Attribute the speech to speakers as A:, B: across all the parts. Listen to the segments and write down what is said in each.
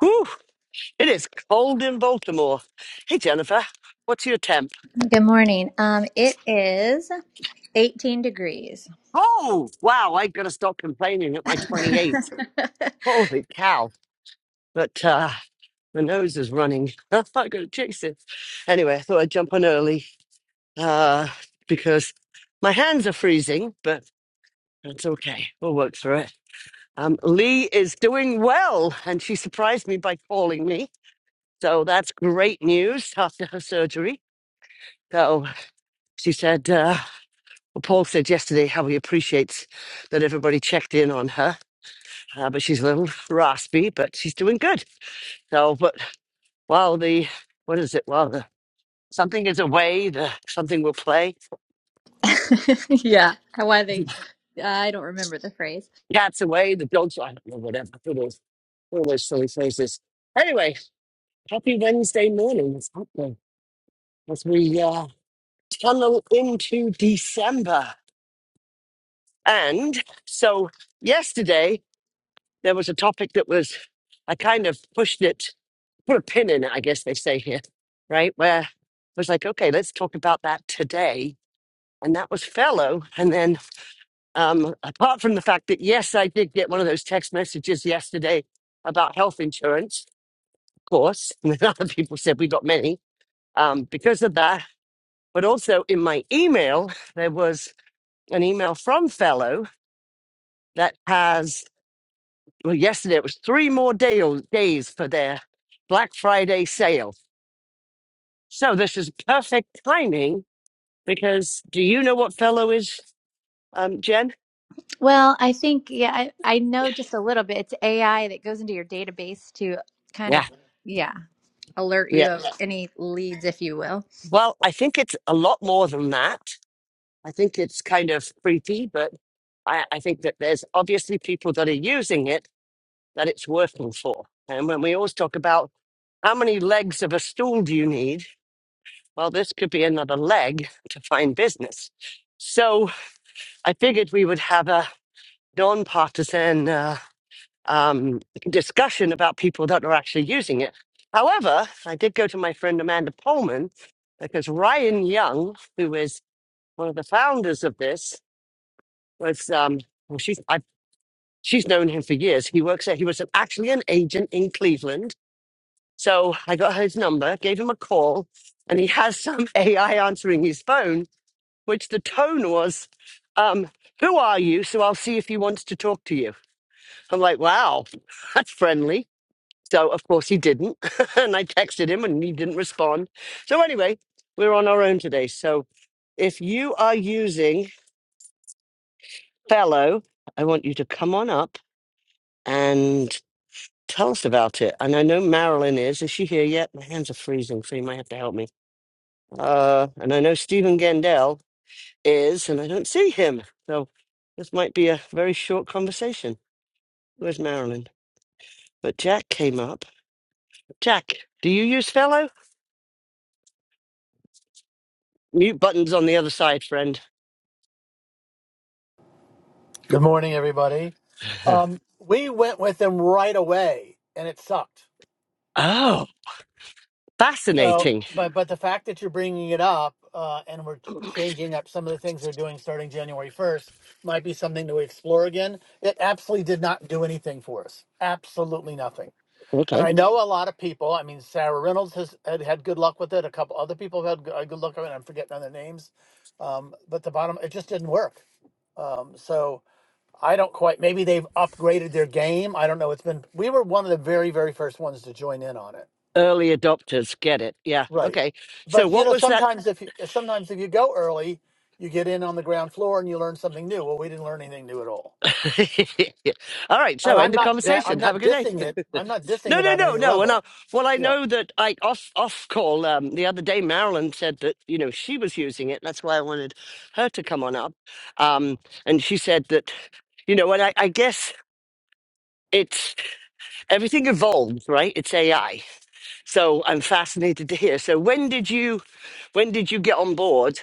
A: Whew, it is cold in Baltimore. Hey, Jennifer, what's your temp?
B: Good morning. Um, it is 18 degrees.
A: Oh, wow, I've got to stop complaining at my 28. Holy cow. But uh, my nose is running. I've got to chase it. Anyway, I thought I'd jump on early uh, because my hands are freezing, but that's okay. We'll work through it. Um, Lee is doing well, and she surprised me by calling me. So that's great news after her surgery. So she said, uh, Well, Paul said yesterday how he appreciates that everybody checked in on her, uh, but she's a little raspy, but she's doing good. So, but while the, what is it? While the something is away, the something will play.
B: yeah, why they? I don't remember the phrase.
A: The cat's away, the dog's, I don't know, whatever. Who knows? all those silly phrases. Anyway, happy Wednesday morning. It's happening as we uh, tunnel into December. And so yesterday there was a topic that was, I kind of pushed it put a pin in it, I guess they say here, right? Where I was like, okay, let's talk about that today. And that was fellow. And then, um, apart from the fact that, yes, I did get one of those text messages yesterday about health insurance, of course, and then other people said we got many um, because of that. But also in my email, there was an email from fellow that has, well, yesterday it was three more day- days for their Black Friday sale. So this is perfect timing because do you know what fellow is, um, Jen?
B: Well, I think yeah, I, I know just a little bit. It's AI that goes into your database to kind of
A: Yeah,
B: yeah alert you
A: yeah.
B: of any leads, if you will.
A: Well, I think it's a lot more than that. I think it's kind of creepy, but I, I think that there's obviously people that are using it that it's working for. And when we always talk about how many legs of a stool do you need, well, this could be another leg to find business. So I figured we would have a non-partisan. uh, um, discussion about people that are actually using it. However, I did go to my friend Amanda Pullman because Ryan Young, who is one of the founders of this, was um, well, she's I, she's known him for years. He works there. He was an, actually an agent in Cleveland. So I got his number, gave him a call, and he has some AI answering his phone, which the tone was, um, "Who are you?" So I'll see if he wants to talk to you. I'm like, "Wow, that's friendly." So, of course, he didn't. and I texted him and he didn't respond. So, anyway, we're on our own today. So, if you are using Fellow, I want you to come on up and tell us about it. And I know Marilyn is. Is she here yet? My hands are freezing, so you might have to help me. Uh, and I know Stephen Gendel is, and I don't see him. So, this might be a very short conversation. Where's Marilyn? But Jack came up. Jack, do you use Fellow? Mute button's on the other side, friend.
C: Good morning, everybody. Um, we went with them right away, and it sucked.
A: Oh,
C: So,
A: fascinating.
C: but but the fact that you're bringing it up uh, and we're ch- changing up some of the things we're doing starting January 1st might be something to explore again. It absolutely did not do anything for us. Absolutely nothing. And
A: Okay.
C: I know a lot of people. I mean, Sarah Reynolds has had, had good luck with it. A couple other people have had g- uh, good luck with it. I'm forgetting other names. Um, but the bottom, it just didn't work. Um, so. I don't quite. Maybe they've upgraded their game. I don't know. It's been we were one of the very very first ones to join in on it,
A: Early adopters get it. Yeah.
C: right?
A: Okay. So,
C: But you
A: what
C: know,
A: was that?
C: sometimes if you, sometimes if you go early, you get in on the ground floor and you learn something new. Well, we didn't learn anything new at all.
A: All right. So,
C: And
A: end
C: I'm
A: the
C: not that I'm
A: conversation. Have a
C: not
A: good day.
C: dissing it. I'm not dissing
A: No,
C: it
A: no,
C: on
A: no,
C: any
A: no. And I,
C: level.
A: well, I
C: Yeah,
A: know that I off off call um, the other day. Marilyn said that you know she was using it. That's why I wanted her to come on up. Um, and she said that you know, and I, I guess it's everything evolves, right? It's AI. So I'm fascinated to hear. So when did you when did you get on board?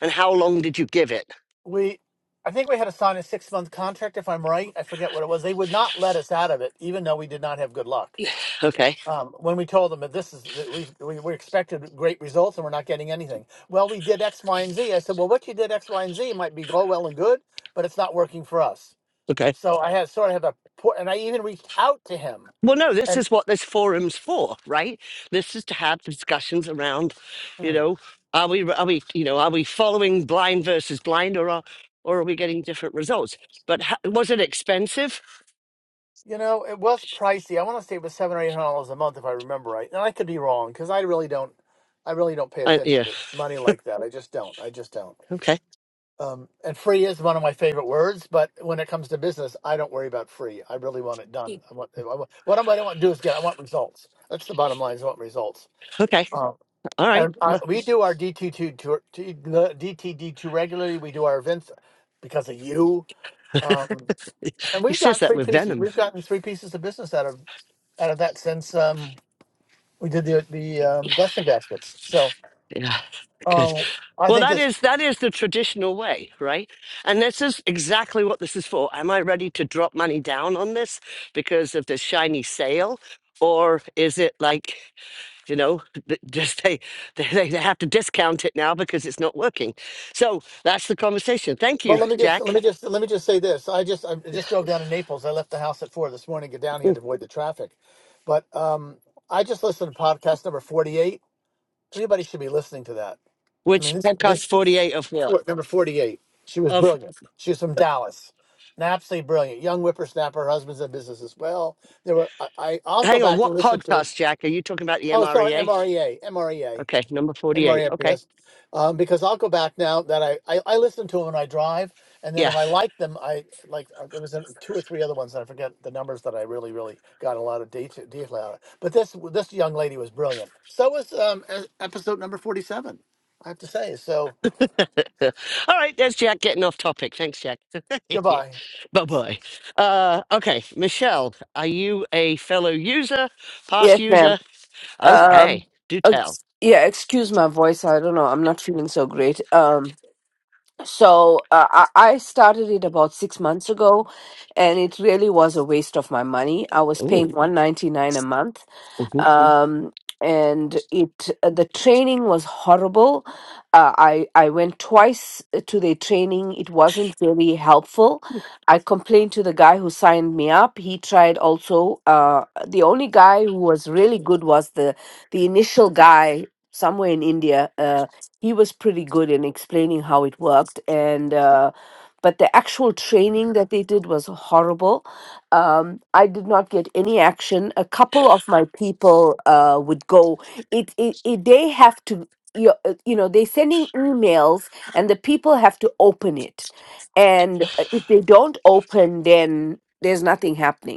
A: And how long did you give it?
C: we. I think we had to sign a six month contract, if I'm right. I forget what it was. They would not let us out of it, even though we did not have good luck.
A: Okay.
C: um, when we told them that this is that we've, we we expected great results and we're not getting anything. Well, we did X, Y, and Z. I said, well, what you did X, Y, and Z might be all well and good, but it's not working for us.
A: Okay.
C: So I had sort of had a poor, and I even reached out to him,
A: Well, no, this
C: and
A: is what this forum's for, right? This is to have discussions around, you
C: mm,
A: know, are we, are we, you know, are we following blind versus blind or are, or are we getting different results? But ha- was it expensive?
C: you know, it was pricey. I want to say it was seven or eight hundred dollars a month, if I remember right, and I could be wrong because I really don't, I really don't pay
A: Uh,
C: attention
A: yeah.
C: to money like that. I just don't. I just don't.
A: Okay.
C: Um, and free is one of my favorite words, but when it comes to business, I don't worry about free. I really want it done. I want, I want what I want to do is get. I want results. That's the bottom line. Is I want results.
A: Okay.
C: Um,
A: All
C: and
A: right.
C: uh,
A: Well,
C: we do our DT2 tour, T- the DTD2 regularly. We do our events because of you. Um, and
A: he
C: we've
A: says
C: gotten
A: that
C: three
A: with
C: pieces.
A: venom.
C: We've gotten three pieces of business out of out of that since um, we did the the um, blessing baskets. So
A: Yeah. Good.
C: um, I
A: Well,
C: think
A: that
C: it's
A: is that is the traditional way, right? And this is exactly what this is for. Am I ready to drop money down on this because of the shiny sale, or is it like, you know, th- just they they, they they have to discount it now because it's not working? So that's the conversation. Thank
C: Well,
A: you,
C: let me just
A: Jack.
C: let me just let me just say this. I just I just drove down to Naples. I left the house at four this morning, to get down here
A: Mm.
C: to avoid the traffic. But um, I just listened to podcast number forty-eight. Everybody should be listening to that. I mean,
A: Which
C: this
A: podcast
C: this
A: forty eight of what
C: what, number forty-eight. She was
A: of?
C: brilliant. She was from Dallas, and absolutely brilliant. Young whippersnapper. Her husband's in business as well. There were I, I I'll go
A: Hang on,
C: back and
A: what
C: listen to it.
A: podcast, Jack? Are you talking about the
C: Oh, sorry,
A: MREA?
C: MREA, MREA
A: Okay, number
C: and
A: forty eight.
C: Maria
A: Okay,
C: Pierce, um, because I'll go back now that I, I I listen to them when I drive, and then if
A: yeah.
C: I like them, I like uh, there was a, two or three other ones that I forget the numbers that I really really got a lot of data detail out of. But this this young lady was brilliant. So was um, e- episode number forty seven. I have to say. So
A: All right, there's Jack getting off topic. Thanks, Jack.
C: goodbye.
A: bye bye. Uh, okay, Michelle, are you a fellow user, past
D: Yes, ma'am.
A: user?
D: Um,
A: Okay, do tell.
D: ex- yeah, excuse my voice. I don't know. I'm not feeling so great. Um, so uh, I, I started it about six months ago, and it really was a waste of my money. I was
A: Ooh.
D: paying one ninety nine a month
A: mhm.
D: um, and it uh, the training was horrible. Uh, I I went twice to the training. It wasn't really helpful. I complained to the guy who signed me up. He tried also. Uh, the only guy who was really good was the the initial guy somewhere in India. Uh, he was pretty good in explaining how it worked and. Uh, but the actual training that they did was horrible um, I did not get any action. A couple of my people uh, would go. It, it, it they have to you uh, you know they're sending emails and the people have to open it, and uh, if they don't open, then there's nothing happening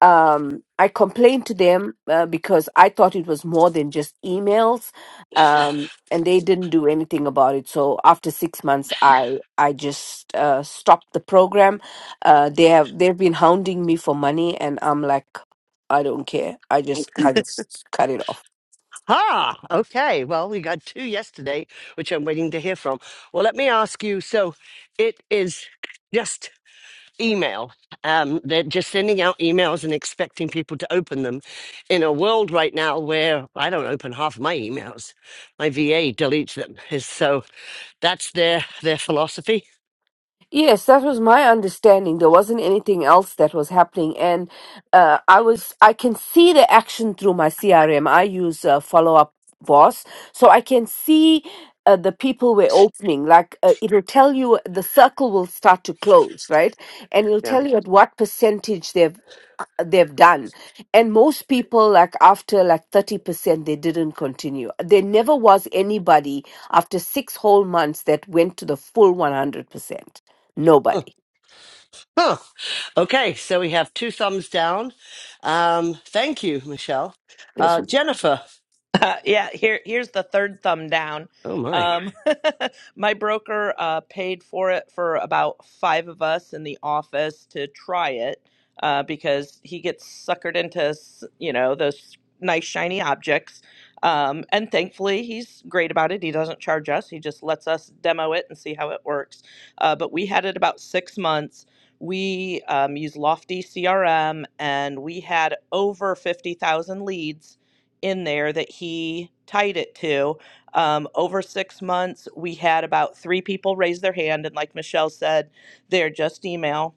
D: um, I complained to them uh, because I thought it was more than just emails, um, and they didn't do anything about it. So after six months, I I just uh, stopped the program. Uh, they have they've been hounding me for money, and I'm like, I don't care. I just I just cut it off.
A: Ah, okay. Well, we got two yesterday, which I'm waiting to hear from. Well, let me ask you. So, it is just email. Um, they're just sending out emails and expecting people to open them in a world right now where I don't open half of my emails. My VA deletes them. Is- So that's their their philosophy.
D: Yes, that was my understanding. There wasn't anything else that was happening, and uh, I was I can see the action through my CRM. I use uh, Follow Up Boss, so I can see uh, the people we're opening. Like uh, it'll tell you the circle will start to close, right? And it'll
A: Yeah.
D: tell you at what percentage they've they've done and most people like after like 30% they didn't continue there never was anybody after 6 whole months that went to the full 100%
A: Oh,
D: nobody
A: huh. Okay, so we have two thumbs down. Um, thank you, Michelle. Uh, Jennifer.
E: Uh, yeah, here here's the third thumb down.
A: Oh my.
E: Um, my broker uh, paid for it for about five of us in the office to try it uh, because he gets suckered into s- you know those nice shiny objects. Um, and thankfully, he's great about it. He doesn't charge us. He just lets us demo it and see how it works. Uh, but we had it about six months. We um, use Lofty CRM, and we had over fifty thousand leads in there that he tied it to. Um, over six months, we had about three people raise their hand. And like Michelle said, they're just email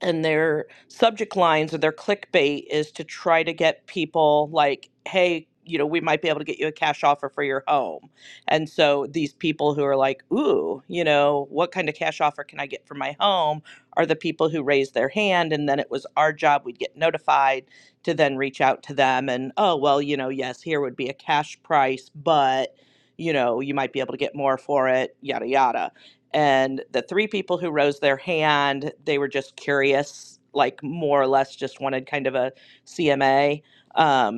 E: and their subject lines or their clickbait is to try to get people like, hey, you know, we might be able to get you a cash offer for your home. And so these people who are like, ooh, you know, what kind of cash offer can I get for my home are the people who raised their hand. And then it was our job, we'd get notified to then reach out to them and, oh, well, you know, yes, here would be a cash price, but, you know, you might be able to get more for it, yada, yada and the three people who rose their hand they were just curious like more or less just wanted kind of a cma um,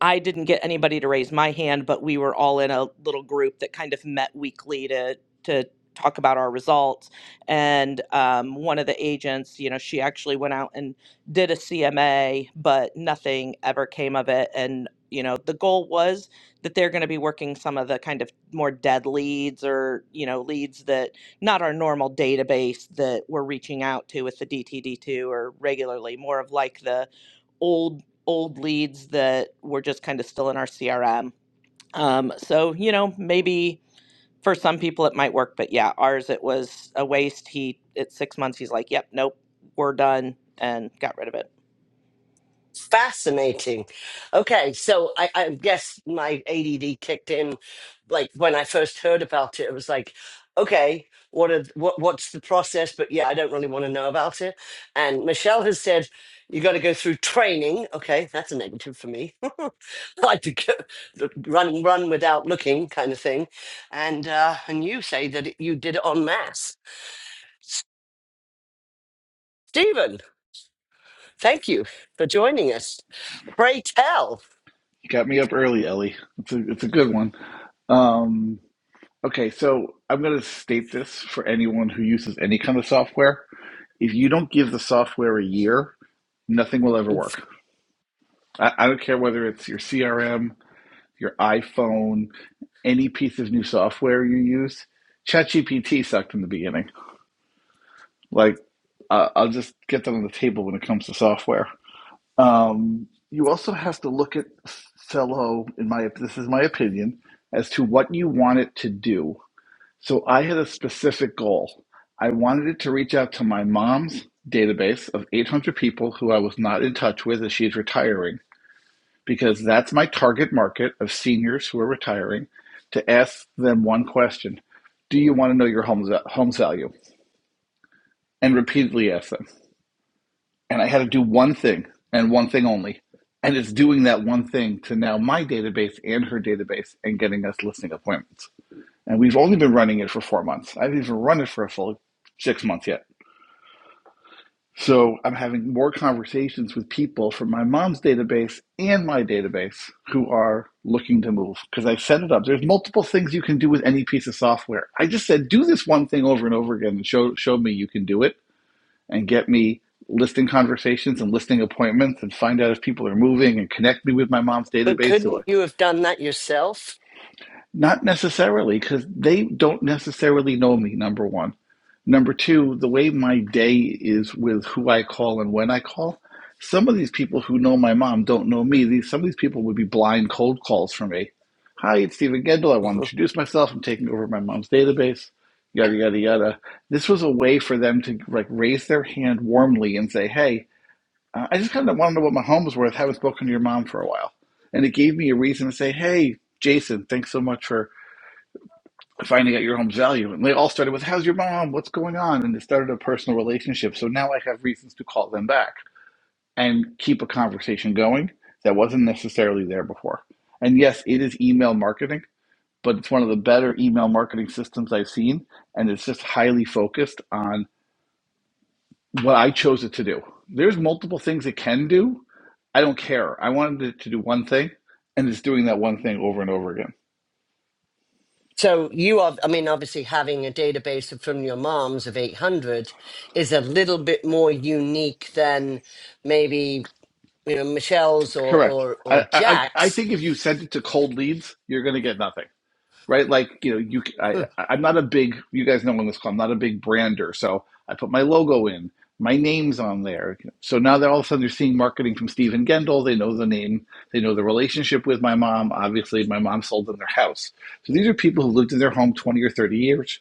E: I didn't get anybody to raise my hand, but we were all in a little group that kind of met weekly to to talk about our results. And um, one of the agents, you know, she actually went out and did a CMA, but nothing ever came of it. And you know, the goal was that they're going to be working some of the kind of more dead leads or you know leads that not our normal database that we're reaching out to with the DTD2 or regularly, more of like the old old leads that were just kind of still in our CRM. Um, so, you know, maybe for some people it might work, but yeah, ours it was a waste. He at six months he's like, "Yep, nope, we're done," and got rid of it.
A: Fascinating. Okay, so I, I guess my ADD kicked in, like when I first heard about it. It was like, okay, what are what what's the process? But yeah, I don't really want to know about it. And Michelle has said you got to go through training. Okay, that's a negative for me. I like to go, run run without looking, kind of thing. And uh, and you say that it, you did it en masse. Stephen, thank you for joining us. Pray tell.
F: You got me up early, Ellie. It's a it's a good one. Um, okay, so I'm gonna state this for anyone who uses any kind of software. If you don't give the software a year, nothing will ever work. I, I don't care whether it's your CRM, your iPhone, any piece of new software you use. ChatGPT sucked in the beginning. Like, uh, I'll just get that on the table when it comes to software. Um, you also have to look at Cello. In my this is my opinion as to what you want it to do. So I had a specific goal. I wanted it to reach out to my mom's database of 800 people who I was not in touch with as she's retiring, because that's my target market of seniors who are retiring. To ask them one question: Do you want to know your home's home's value? And repeatedly ask them. and I had to do one thing and one thing only. And it's doing that one thing to now my database and her database and getting us listing appointments. And we've only been running it for four months. I haven't even run it for a full six months yet. So I'm having more conversations with people from my mom's database and my database who are looking to move because I set it up. There's multiple things you can do with any piece of software. I just said, do this one thing over and over again and show, show me you can do it and get me listing conversations and listing appointments and find out if people are moving and connect me with my mom's
A: But
F: database
A: couldn't
F: or
A: you have done that yourself?
F: not necessarily because they don't necessarily know me number one number two the way my day is with who i call and when i call some of these people who know my mom don't know me these some of these people would be blind cold calls for me hi it's stephen gendel i want
A: uh
F: to introduce myself i'm taking over my mom's database yada yada yada this was a way for them to like raise their hand warmly and say hey uh, I just kind of want to know what my home was worth. I Haven't spoken to your mom for a while, and it gave me a reason to say, "Hey, Jason, thanks so much for finding out your home's value." And they all started with, "How's your mom? What's going on?" And it started a personal relationship. So now I have reasons to call them back and keep a conversation going that wasn't necessarily there before. And yes, it is email marketing, but it's one of the better email marketing systems I've seen, and it's just highly focused on what I chose it to do. There's multiple things it can do. I don't care. I wanted it to do one thing, and it's doing that one thing over and over again.
A: So you are, I mean, obviously having a database of- from your mom's of 800 is a little bit more unique than maybe, you know, Michelle's or,
F: Correct.
A: or,
F: I
A: or
F: I, I
A: Jack's.
F: think if you send it to cold leads, you're going to get nothing, right? Like you know, you I i
A: Huh,
F: I- I'm not a big. You guys know on this call, I'm not a big brander, so I put my logo in. My name's on there. So now they're all of a sudden they're seeing marketing from Stephen Gendel. They know the name. They know the relationship with my mom. Obviously, my mom sold them their house. So these are people who lived in their home 20 or 30 years.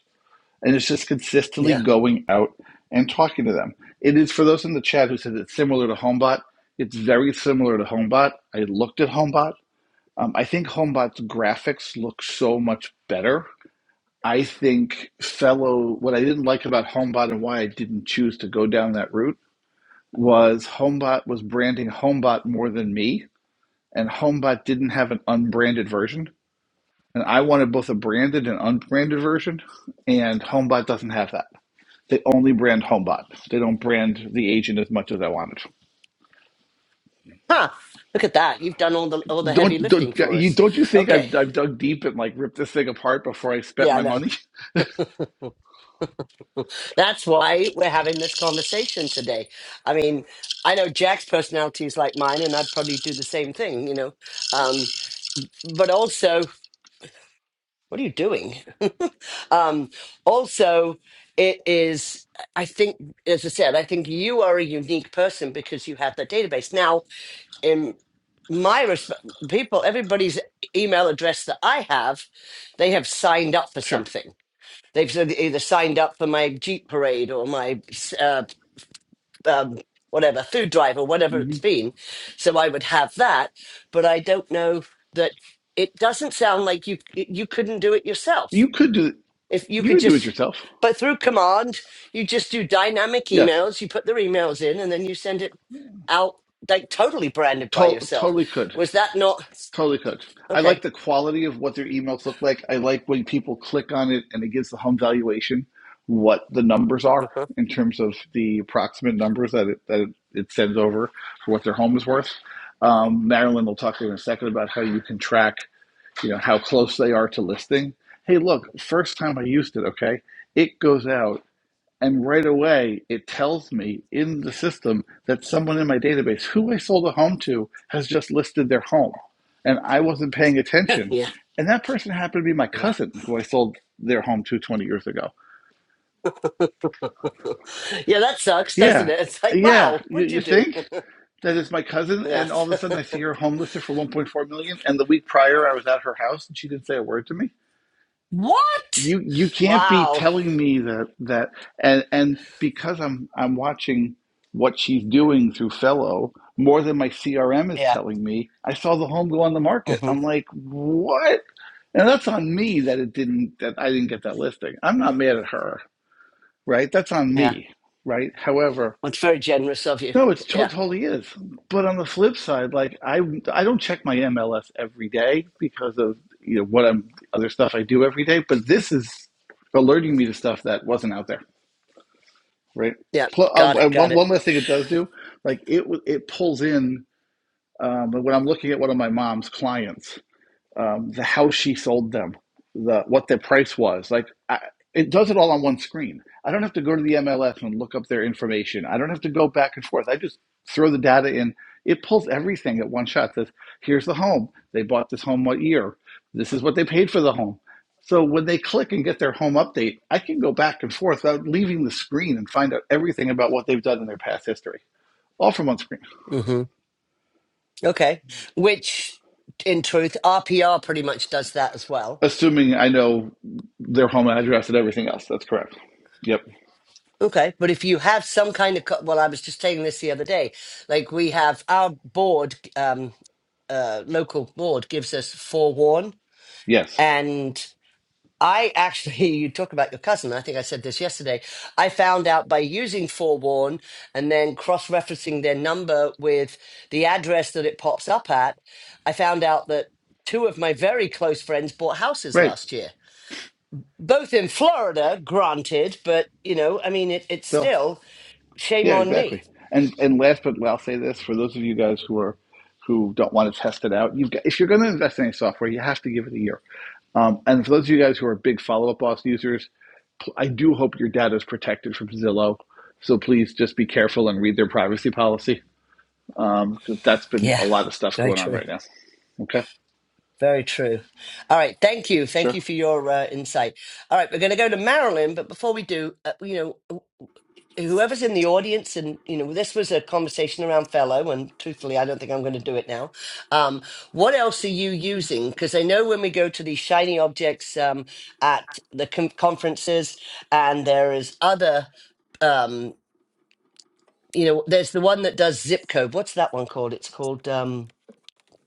F: and it's just consistently
A: Yeah.
F: going out and talking to them. It is for those in the chat who said it's similar to Homebot. It's very similar to Homebot. I looked at Homebot. Um, I think Homebot's graphics look so much better. I think fellow what I didn't like about Homebot and why I didn't choose to go down that route was Homebot was branding Homebot more than me, and Homebot didn't have an unbranded version. And I wanted both a branded and unbranded version, and Homebot doesn't have that. They only brand Homebot. They don't brand the agent as much as I wanted.
A: Huh. Look at that. You've done all the, all the heavy
F: Don't don't
A: lifting for
F: you
A: us.
F: don't you think
A: Okay.
F: I've I've dug deep and like ripped this thing apart before I spent
A: Yeah, I
F: my
A: know.
F: money?
A: That's why we're having this conversation today. I mean, I know Jack's personality is like mine and I'd probably do the same thing, you know, um, but also what are you doing? um, also, it is, I think, as I said, I think you are a unique person because you have the database. Now, in my respect, people, everybody's email address that I have, they have signed up for
F: Sure.
A: something. They've said- either signed up for my Jeep parade or my uh, um, whatever food drive or whatever
F: hmm
A: it's been. So I would have that, but I don't know that it doesn't sound like you you couldn't do it yourself
F: You could do
A: if you
F: you
A: could
F: could do it
A: just,
F: yourself.
A: but through command, you just do dynamic
F: Yes,
A: emails. You put their emails in, and then you send it out like totally branded by
F: to-
A: yourself.
F: totally could.
A: Was that not
F: Totally cooked. I
A: okay?
F: like the quality of what their emails look like. I like when people click on it and it gives the home valuation what the numbers are
A: Mhm.
F: in terms of the approximate numbers that it, that it, sends over for what their home is worth. Um, Marilyn will talk to you in a second about how you can track, you know, how close they are to listing. Hey, look, first time I used it, okay, it goes out and right away, it tells me in the system that someone in my database who I sold a home to has just listed their home. And I wasn't paying attention.
A: Yeah.
F: And that person happened to be my
A: Yeah.
F: cousin who I sold their home to 20 years ago.
A: yeah, that sucks, doesn't
F: Yeah.
A: it? It's like,
F: Yeah.
A: wow,
F: You,
A: what'd you
F: you
A: do?
F: think that it's my cousin? And
A: yes.
F: all of a sudden, I see her home listed for 1.4 million. And the week prior, I was at her house and she didn't say a word to me.
A: what?
F: you you can't be
A: Wow.
F: telling me that that and and because I'm I'm watching what she's doing through Fellow more than my CRM is
A: Yeah.
F: telling me. I saw the home go on the market.
A: hmm
F: I'm like, what? And that's on me that it didn't that I didn't get that listing. I'm not mad at her, right? That's on
A: Yeah.
F: me, right? However,
A: Well, it's very generous of you.
F: no, it's to-
A: Yeah.
F: totally is. But on the flip side, like I I don't check my MLS every day because of you know what I'm other stuff I do every day. But this is alerting me to stuff that wasn't out there, right?
A: Yeah.
F: Pl- uh,
A: Got it.
F: and
A: Got
F: one
A: it.
F: one last thing it does do, like it w- it pulls in um, when I'm looking at one of my mom's clients um, the how she sold them, the what their price was. Like I, it does it all on one screen. I don't have to go to the MLS and look up their information. I don't have to go back and forth. I just throw the data in. It pulls everything at one shot. Says, here's the home. They bought this home what year? This is what they paid for the home. So when they click and get their home update, I can go back and forth without leaving the screen and find out everything about what they've done in their past history, all from one screen.
A: hmm Okay. Which, in truth, RPR pretty much does that as well.
F: Assuming I know their home address and everything else. That's correct. Yep.
A: Okay, but if you have some kind of, co- well, I was just saying this the other day. Like we have our board, um, uh, local board gives us forewarn,
F: Yes.
A: and I actually, you talk about your cousin. I think I said this yesterday. I found out by using forewarn and then cross-referencing their number with the address that it pops up at. I found out that two of my very close friends bought houses
F: Right.
A: last year, both in Florida, granted, but you know, I mean, it, it's
F: So
A: still shame
F: Yeah,
A: on me.
F: exactly. And and last but well, I'll say this for those of you guys who are who don't want to test it out, you've got if you're going to invest in any software, you have to give it a year. Um, and for those of you guys who are big follow up boss users, pl- I do hope your data is protected from Zillow. So please just be careful and read their privacy policy. Um, 'cause that's been
A: Yeah,
F: a lot of stuff
A: very
F: going on
A: true.
F: right now. Okay.
A: Very true. All right, thank you. Thank
F: Sure.
A: you for your uh, insight. All right, we're going to go to Marilyn, but before we do, uh, you know, wh- whoever's in the audience, and you know, this was a conversation around fellow, and truthfully, I don't think I'm going to do it now. Um, what else are you using? Because I know when we go to these shiny objects um, at the con conferences, and there is other, um, you know, there's the one that does zip code. What's that one called? It's called. Um,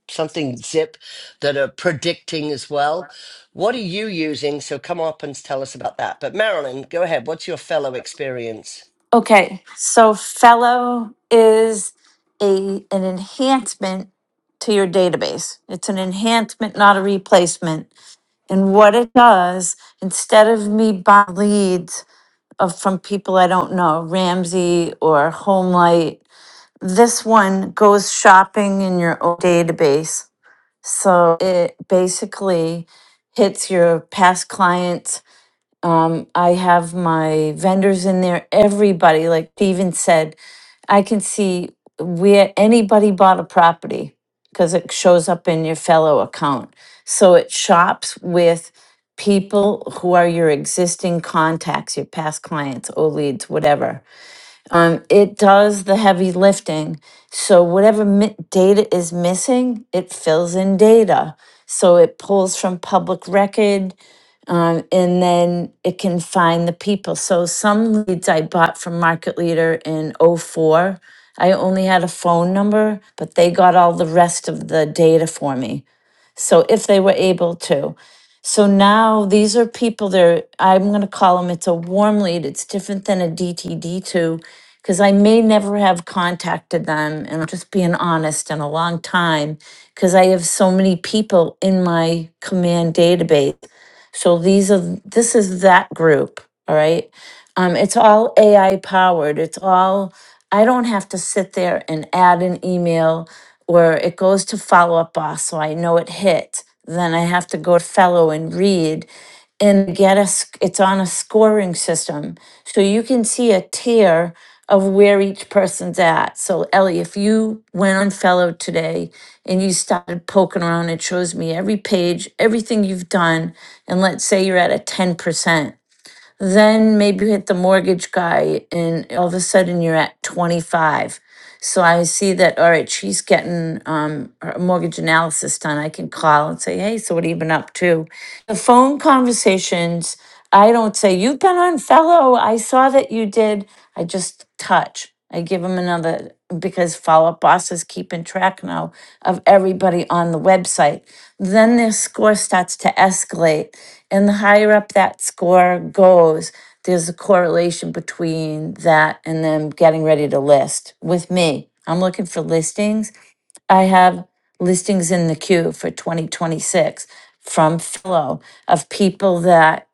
A: something Zip that are predicting as well. What are you using? So come up and tell us about that. But Marilyn, go ahead. What's your fellow experience?
G: Okay, so fellow is a an enhancement to your database. It's an enhancement, not a replacement. And what it does, instead of me buying leads of from people I don't know, Ramsey or Homelight, this one goes shopping in your own database. So it basically hits your past clients Um, I have my vendors in there, everybody, like Steven said, I can see where anybody bought a property because it shows up in your fellow account. So it shops with people who are your existing contacts, your past clients, or leads, whatever. Um, it does the heavy lifting. So whatever mi- data is missing, it fills in data. So it pulls from public record um, and then it can find the people. So some leads I bought from Market Leader in '04. I only had a phone number, but they got all the rest of the data for me. So if they were able to. So now these are people there. I'm going to call them, it's a warm lead. It's different than a DTD2 because I may never have contacted them. And I'm just being honest in a long time because I have so many people in my command database. So these are, this is that group. All right. Um, it's all AI powered. It's all, I don't have to sit there and add an email where it goes to follow up boss so I know it hit. Then I have to go to fellow and read and get a, sc- it's on a scoring system. So you can see a tier of where each person's at. So Ellie, if you went on fellow today and you started poking around, it shows me every page, everything you've done. And let's say you're at a 10%. Then maybe you hit the mortgage guy and all of a sudden you're at 25. So I see that, all right, she's getting um, her mortgage analysis done. I can call and say, hey, so what have you been up to? The phone conversations, I don't say, you've been on fellow. I saw that you did. I just touch. I give them another because follow up boss is keeping track now of everybody on the website. Then their score starts to escalate. And the higher up that score goes, there's a correlation between that and them getting ready to list with me. I'm looking for listings. I have listings in the queue for 2026 from Philo of people that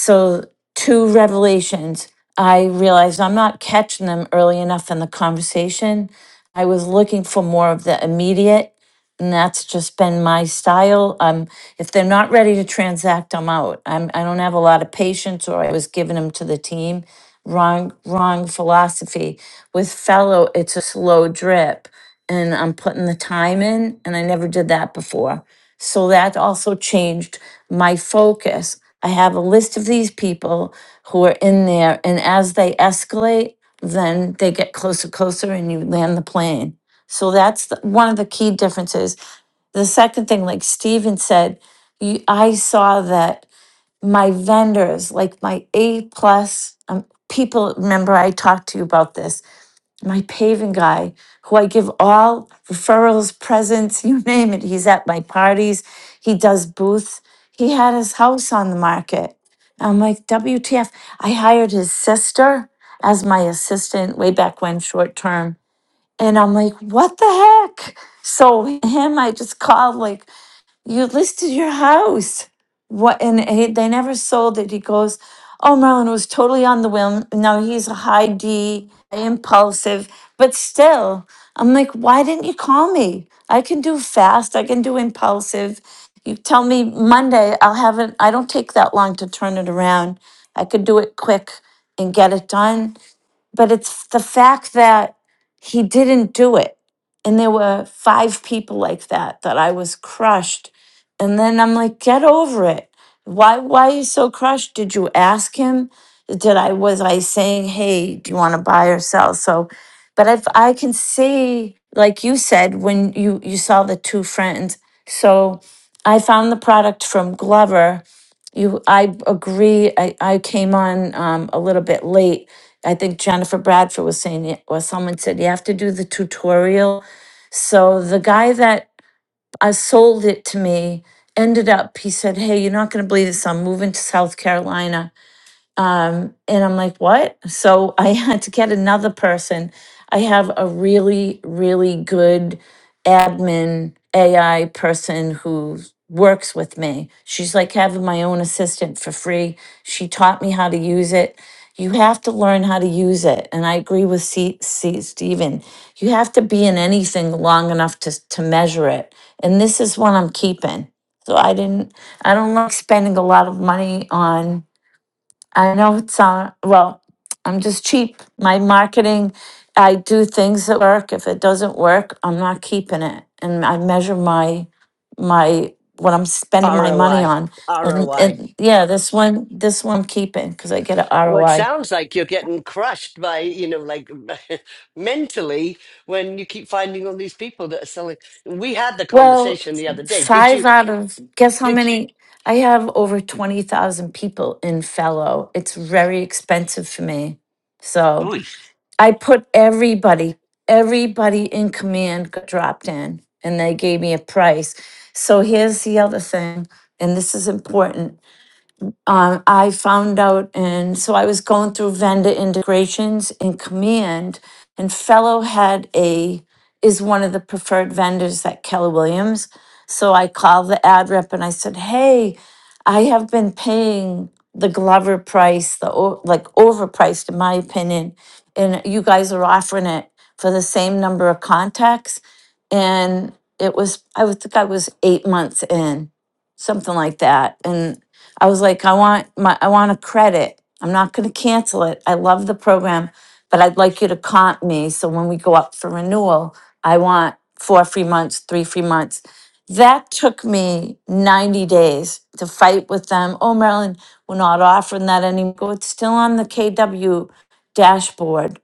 G: so, two revelations. I realized I'm not catching them early enough in the conversation. I was looking for more of the immediate, and that's just been my style. Um, if they're not ready to transact, I'm out. I'm, I don't have a lot of patience, or I was giving them to the team. Wrong, wrong philosophy. With fellow, it's a slow drip, and I'm putting the time in, and I never did that before. So that also changed my focus. I have a list of these people who are in there, and as they escalate, then they get closer, closer, and you land the plane. So that's the, one of the key differences. The second thing, like Steven said, you, I saw that my vendors, like my A plus um, people, remember I talked to you about this my paving guy, who I give all referrals, presents, you name it. He's at my parties, he does booths. He had his house on the market. I'm like, WTF. I hired his sister as my assistant way back when, short term. And I'm like, what the heck? So, him, I just called like you listed your house. What? And he, they never sold it. He goes, Oh, Marlon was totally on the whim. Now he's a high D, impulsive, but still, I'm like, Why didn't you call me? I can do fast, I can do impulsive. You tell me Monday, I'll have it. I don't take that long to turn it around. I could do it quick and get it done but it's the fact that he didn't do it. And there were five people like that that I was crushed. And then I'm like, get over it. Why why are you so crushed? Did you ask him? Did I was I saying, hey, do you want to buy or sell? So but if I can see, like you said, when you you saw the two friends, so I found the product from Glover you, I agree. I, I came on um, a little bit late. I think Jennifer Bradford was saying, it- or someone said, you have to do the tutorial. So the guy that uh, sold it to me ended up, he said, Hey, you're not going to believe this. I'm moving to South Carolina um, and I'm like, what? So I had to get another person. I have a really, really good admin AI person who works with me. She's like having my own assistant for free. She taught me how to use it. You have to learn how to use it. And I agree with C, C Steven. You have to be in anything long enough to, to measure it. And this is what I'm keeping. So I didn't, I don't like spending a lot of money on I know it's uh, well, I'm just cheap. My marketing, I do things that work. If it doesn't work, I'm not keeping it. And I measure my my what I'm spending my money
A: ROI.
G: on. And
A: ROI.
G: and yeah, this one this one I'm keeping because I get a
A: Well, it
G: ROI.
A: sounds like you're getting crushed by, you know, like mentally when you keep finding all these people that are selling. We had the
G: Well,
A: conversation the other day. Did you,
G: five out of guess how
A: did you,
G: many I have over twenty thousand people in fellow. It's very expensive for me. So I put everybody, everybody in command got dropped in and they gave me a price. So here's the other thing, and this is important uh, I found out, and so I was going through vendor integrations in Command, and Fellow had a is one of the preferred vendors at Keller Williams. So I called the ad rep and I said, "Hey, I have been paying the Glover price, the o- like overpriced in my opinion, and you guys are offering it for the same number of contacts." And it was I would think I was eight months in, something like that, and I was like, I want my, I want a credit. I'm not going to cancel it. I love the program, but I'd like you to comp me. So when we go up for renewal, I want four free months, three free months. That took me 90 days to fight with them. Oh, Marilyn, we're not offering that anymore. It's still on the KW dashboard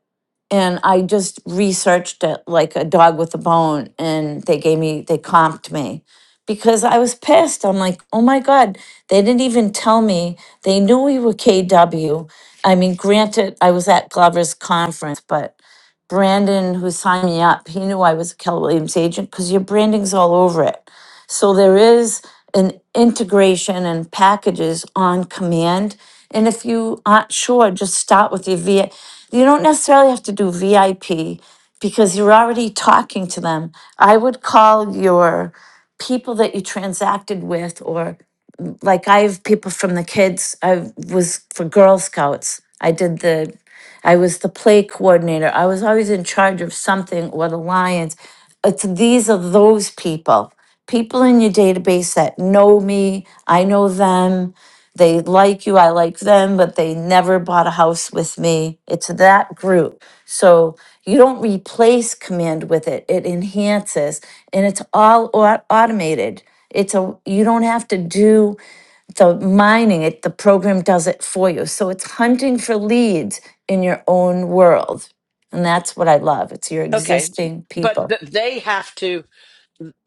G: and I just researched it like a dog with a bone, and they gave me they comped me because I was pissed. I'm like, oh my god, they didn't even tell me. They knew we were KW. I mean, granted, I was at Glover's conference, but Brandon, who signed me up, he knew I was a Keller Williams agent because your branding's all over it. So there is an integration and packages on command. And if you aren't sure, just start with your VI. You don't necessarily have to do VIP because you're already talking to them. I would call your people that you transacted with, or like I have people from the kids. I was for Girl Scouts. I did the I was the play coordinator. I was always in charge of something or the Lions. It's these are those people, people in your database that know me. I know them. They like you. I like them, but they never bought a house with me. It's that group. So you don't replace command with it. It enhances and it's all au- automated. It's a you don't have to do so mining it, the program does it for you. So it's hunting for leads in your own world. And that's what I love. It's your
A: okay.
G: existing
A: But
G: people.
A: th- they have to,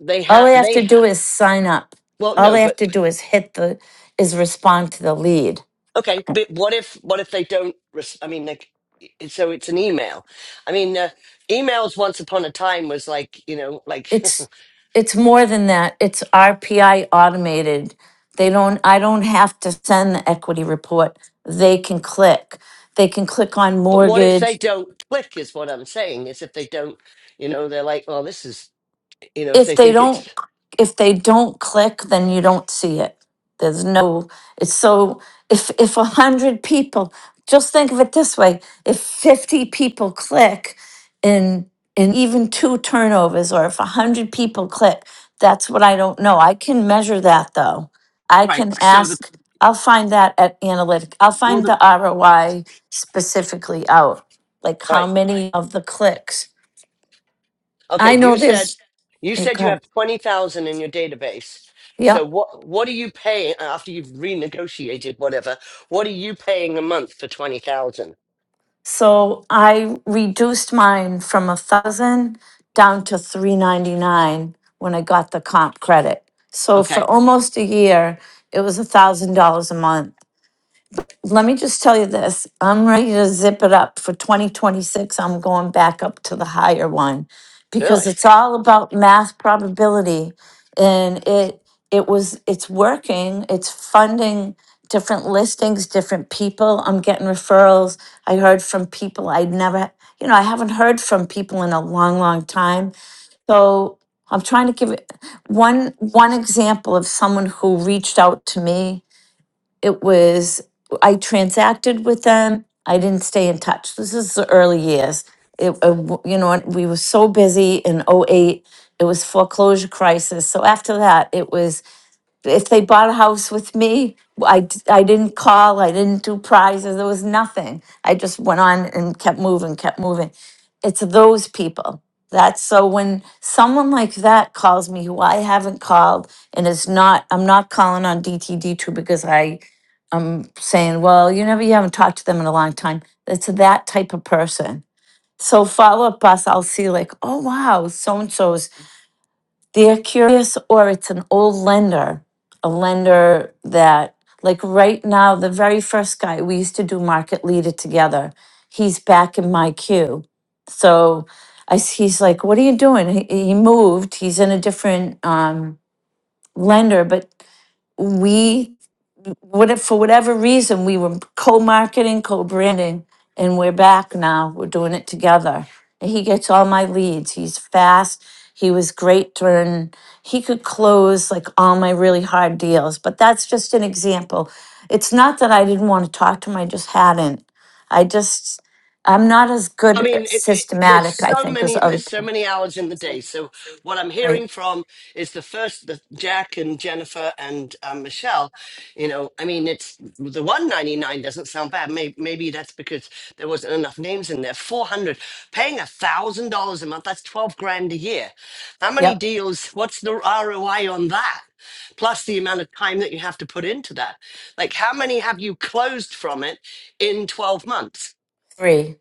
A: they
G: All
A: have,
G: I have
A: they
G: to
A: have,
G: do is sign up.
A: well,
G: All
A: no,
G: I
A: but
G: have to do is hit the is respond to the lead.
A: Okay, but what if what if they don't? Res- I mean, like, i- so it's an email. I mean, uh, emails once upon a time was like you know, like.
G: It's it's more than that. It's RPI automated. They don't I don't have to send the equity report. They can click. They can click on
A: but what if
G: mortgage
A: they don't click? Is what I'm saying is if they don't, you know, they're like, well, this is you know, if
G: if
A: they
G: they
A: think
G: don't
A: it's
G: if they don't click then you don't see it there's no it's so if if a hundred people just think of it this way if 50 people click in in even two turnovers or if a hundred people click that's what i don't know i can measure that though i
A: Right.
G: can
A: So the
G: ask i'll find that at analytic i'll
A: well,
G: find
A: the
G: the roi specifically out like
A: all
G: how
A: right.
G: many of the clicks
A: Okay,
G: i know
A: you said
G: there's
A: you
G: yeah
A: said
G: go
A: you
G: ahead.
A: have twenty thousand in your database.
G: Yeah.
A: So what what are you paying uh, after you've renegotiated whatever? What are you paying a month for twenty thousand?
G: So I reduced mine from a thousand down to three ninety nine when I got the comp credit. So for
A: okay.
G: almost a year, it was a thousand dollars a month let me just tell you this. I'm ready to zip it up for 2026. I'm going back up to the higher one because
A: Really?
G: it's all about math probability and it it was it's working. It's funding different listings, different people. I'm getting referrals. I heard from people I'd never, you know, I haven't heard from people in a long long time. So I'm trying to give it one one example of someone who reached out to me it was I transacted with them. I didn't stay in touch. This is the early years. It, uh, w- you know, we were so busy in '08. It was foreclosure crisis. So after that, it was if they bought a house with me, I, d- I didn't call, I didn't do prizes, there was nothing. I just went on and kept moving, kept moving. It's those people. That's so when someone like that calls me who I haven't called and is not, I'm not calling on DTD2 because I, I'm saying, well, you never, you haven't talked to them in a long time. It's that type of person. So follow up us, I'll see like, oh wow, so and so's they're curious or it's an old lender, a lender that, like right now, the very first guy we used to do market leader together, he's back in my queue. So I, s- he's like, What are you doing? He, he moved, he's in a different um, lender, but we what if for whatever reason we were co-marketing, co-branding, and we're back now. We're doing it together. And he gets all my leads. He's fast. He was great during he could close like all my really hard deals. But that's just an example. It's not that I didn't want to talk to him, I just hadn't. I just I'm not as
A: I
G: good
A: mean,
G: at
A: it, it, there's
G: systematic, I
A: so
G: think, as
A: many
G: other
A: there's so
G: people.
A: many hours in the day. So what I'm
G: Right.
A: hearing from is the first the Jack and Jennifer and um, Michelle. You know, I mean, it's the 199 doesn't sound bad. Maybe, maybe that's because there wasn't enough names in there. 400 paying a thousand dollars a month. That's 12 grand a year. How many
G: Yep.
A: deals? What's the ROI on that? Plus the amount of time that you have to put into that. Like, how many have you closed from it in 12 months?
G: Three.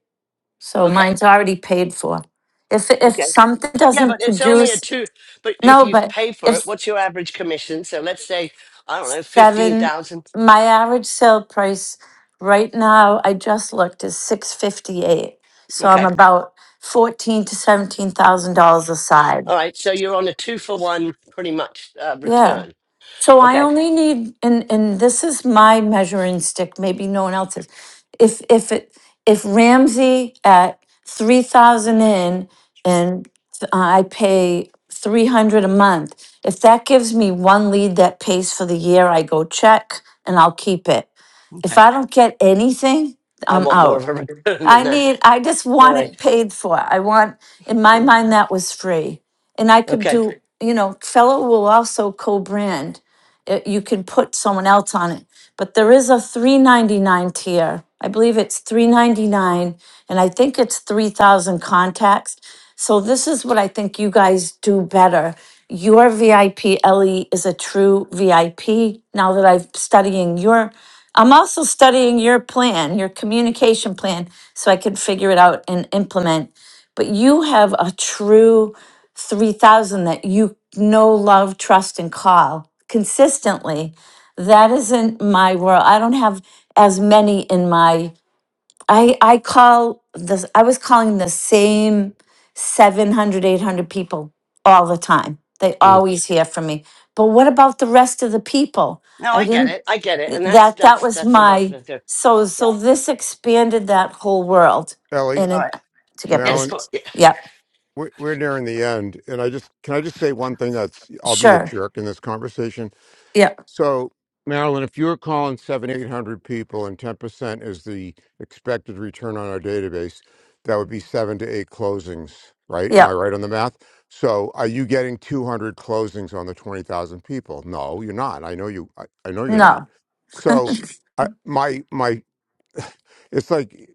G: So
A: Okay.
G: mine's already paid for. If if something
A: Yeah, but
G: doesn't
A: it's only a
G: produce
A: two. But if
G: No,
A: you
G: but
A: pay for it,
G: if
A: what's your average commission? So let's say I don't know, fifteen
G: seven,
A: thousand.
G: my average sale price right now, I just looked, is six fifty-eight. So I'm
A: Okay,
G: about fourteen to seventeen thousand dollars a side.
A: all right. So you're on a two for one, pretty much uh,
G: Yeah.
A: return.
G: So I
A: Okay,
G: only need, and, and this is my measuring stick, maybe no one else's. If, if it, if Ramsey at three thousand in and uh, I pay three hundred a month, if that gives me one lead that pays for the year, I go check and I'll keep it. If
A: okay.
G: I don't get anything,
A: I
G: I'm
A: want more
G: out.
A: of a return than
G: I
A: that.
G: need, I just
A: All
G: want
A: right.
G: it paid for. I want, in my
A: Mm,
G: mind, that was free. And I could
A: Okay.
G: do, Okay. you know, fellow will also co-brand. Uh, You can put someone else on it, but there is a three ninety-nine tier. I believe it's three ninety-nine and I think it's three thousand contacts. So this is what I think you guys do better. Your VIP, Ellie, is a true VIP. Now that I'm studying your, I'm also studying your plan, your communication plan, so I can figure it out and implement. But you have a true 3000 that you know, love, trust, and call consistently. That isn't my world. I don't have as many in my I I call this I was calling the same 700, 800 people all the time. They
A: Mm.
G: always hear from me. But what about the rest of the people?
A: No,
G: I
A: I get
G: didn't
A: it. I get it, and that's
G: that that
A: that's
G: was
A: that's enough.
G: my
A: of it.
G: so
A: Yeah.
G: so this expanded that whole world
H: Ellie,
G: and
A: All right.
G: it to get
A: Yes,
H: Marilyn,
A: but
G: business.
A: yeah,
G: Yeah,
H: we're, we're nearing the end, and I just can I just say one thing that's I'll be the
G: sure.
H: jerk in this conversation.
G: Yeah.
H: So, Marilyn, if you were calling seven eight hundred people and ten percent is the expected return on our database, that would be seven to eight closings, right? Am
G: Yeah.
H: I right on the math? So, are you getting two hundred closings on the twenty thousand people? No, you're not. I know you. I, I know you're not.
G: No.
H: So, I, my my, it's like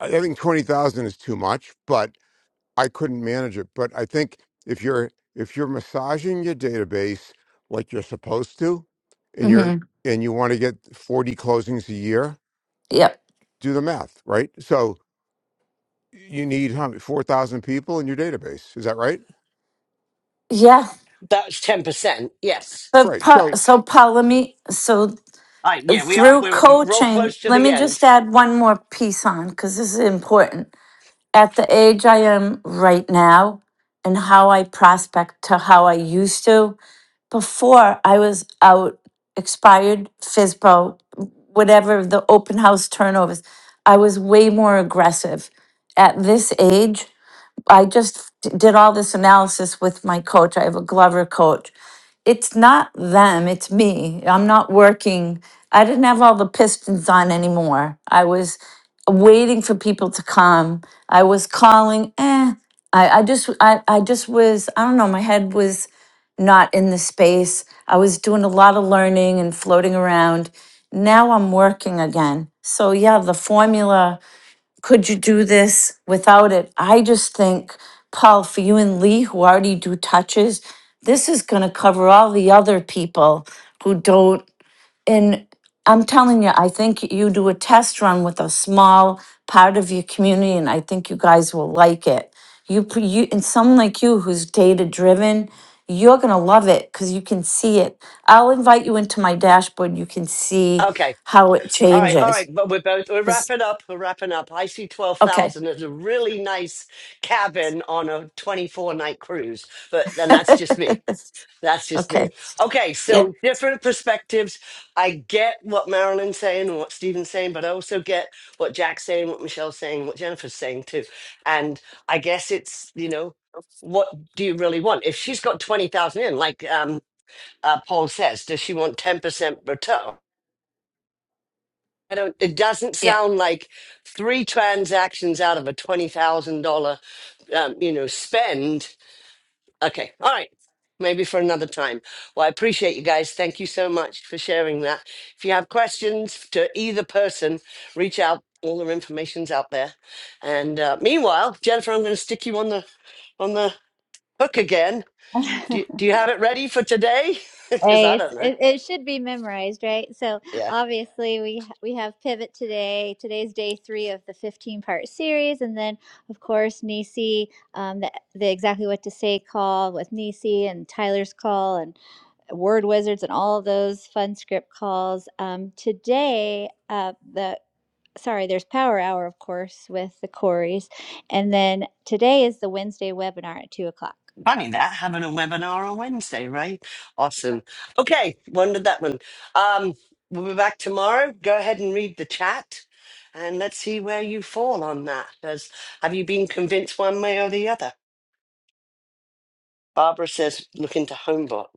H: I think twenty thousand is too much, but I couldn't manage it. But I think if you're if you're massaging your database like you're supposed to, and you're
G: Mhm.
H: and you want to get 40 closings a year,
G: Yeah.
H: do the math, right? So you need how many- 4,000 people in your database. Is that right?
G: Yeah.
A: that was ten percent. Yes.
G: But
H: Right.
G: pa-
H: So
G: so Paula, me so
A: All right. Yeah, we are.
G: through
A: We're real
G: coaching,
A: close to
G: let
A: the
G: me just
A: end.
G: add one more piece on because this is important. At the age I am right now and how I prospect to how I used to, before I was out, expired, FISBO, whatever the open house turnovers, I was way more aggressive. At this age, I just did all this analysis with my coach. I have a Glover coach it's not them, it's me. I'm not working. I didn't have all the pistons on anymore. I was waiting for people to come. I was calling, eh. I, I just I, I just was, I don't know, my head was not in the space. I was doing a lot of learning and floating around. Now I'm working again. So yeah, the formula could you do this without it? I just think, Paul, for you and Lee, who already do touches, this is going to cover all the other people who don't. And I'm telling you, I think you do a test run with a small part of your community, and I think you guys will like it. You, pr- you and someone like you who's data driven, you're going to love it because you can see it. I'll invite you into my dashboard. You can see
A: Okay.
G: how it
A: All right, all
G: changes.
A: right, but we're both we're
G: 'Cause-
A: wrapping up. We're wrapping up. I see twelve
G: Okay.
A: thousand as a really nice cabin on a twenty-four night cruise, but then that's just me. That's just me.
G: okay.
A: Okay,
G: Yeah.
A: so different perspectives. I get what Marilyn's saying and what Stephen's saying, but I also get what Jack's saying, what Michelle's saying, what Jennifer's saying too. And I guess it's you know, what do you really want? If she's got twenty thousand in, like um, uh, Paul says, does she want ten percent return? I don't, it doesn't
G: Yeah,
A: sound like three transactions out of a $20,000, um, you know, spend. Okay. All right. Maybe for another time. Well, I appreciate you guys. Thank you so much for sharing that. If you have questions to either person, reach out. All their information's out there. And uh, meanwhile, Jennifer, I'm going to stick you on the on the hook again. Do, do you have it ready for today? Because
B: Hey,
A: I
B: it's,
A: don't know.
B: it, it should be memorized, right? So
A: Yeah.
B: obviously we we have pivot today. Today's day three of the fifteen part series, and then of course Nisi, um, the the exactly what to say call with Nisi and Tyler's call and word wizards and all of those fun script calls. Um, today, uh, the sorry, there's power hour, of course, with the Corys, and then today is the Wednesday webinar at two o'clock.
A: Funny that having a webinar on Wednesday, right? Awesome. Okay, wondered that one. Um, we'll be back tomorrow. Go ahead and read the chat, and let's see where you fall on that. Does have you been convinced one way or the other? Barbara says, look into Homebot.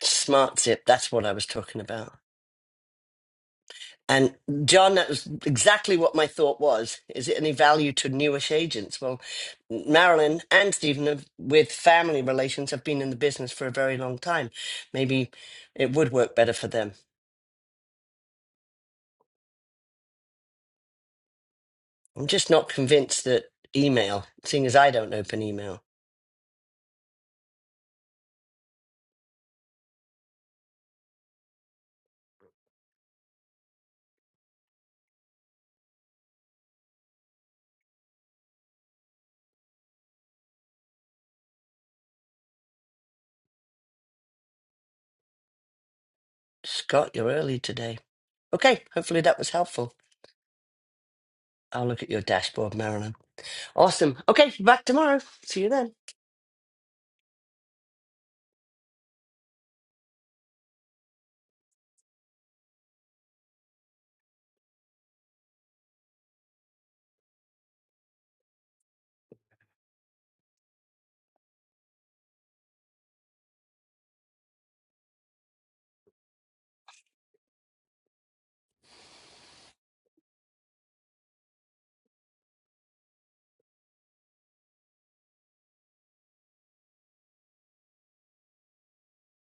A: Smart zip. That's what I was talking about. And John, that was exactly what my thought was. Is it any value to newish agents? Well, Marilyn and Stephen, have, with family relations, have been in the business for a very long time. Maybe it would work better for them. I'm just not convinced that email, seeing as I don't open email. Scott, you're early today. Okay, hopefully that was helpful. I'll look at your dashboard, Marilyn. Awesome. Okay, back tomorrow. See you then.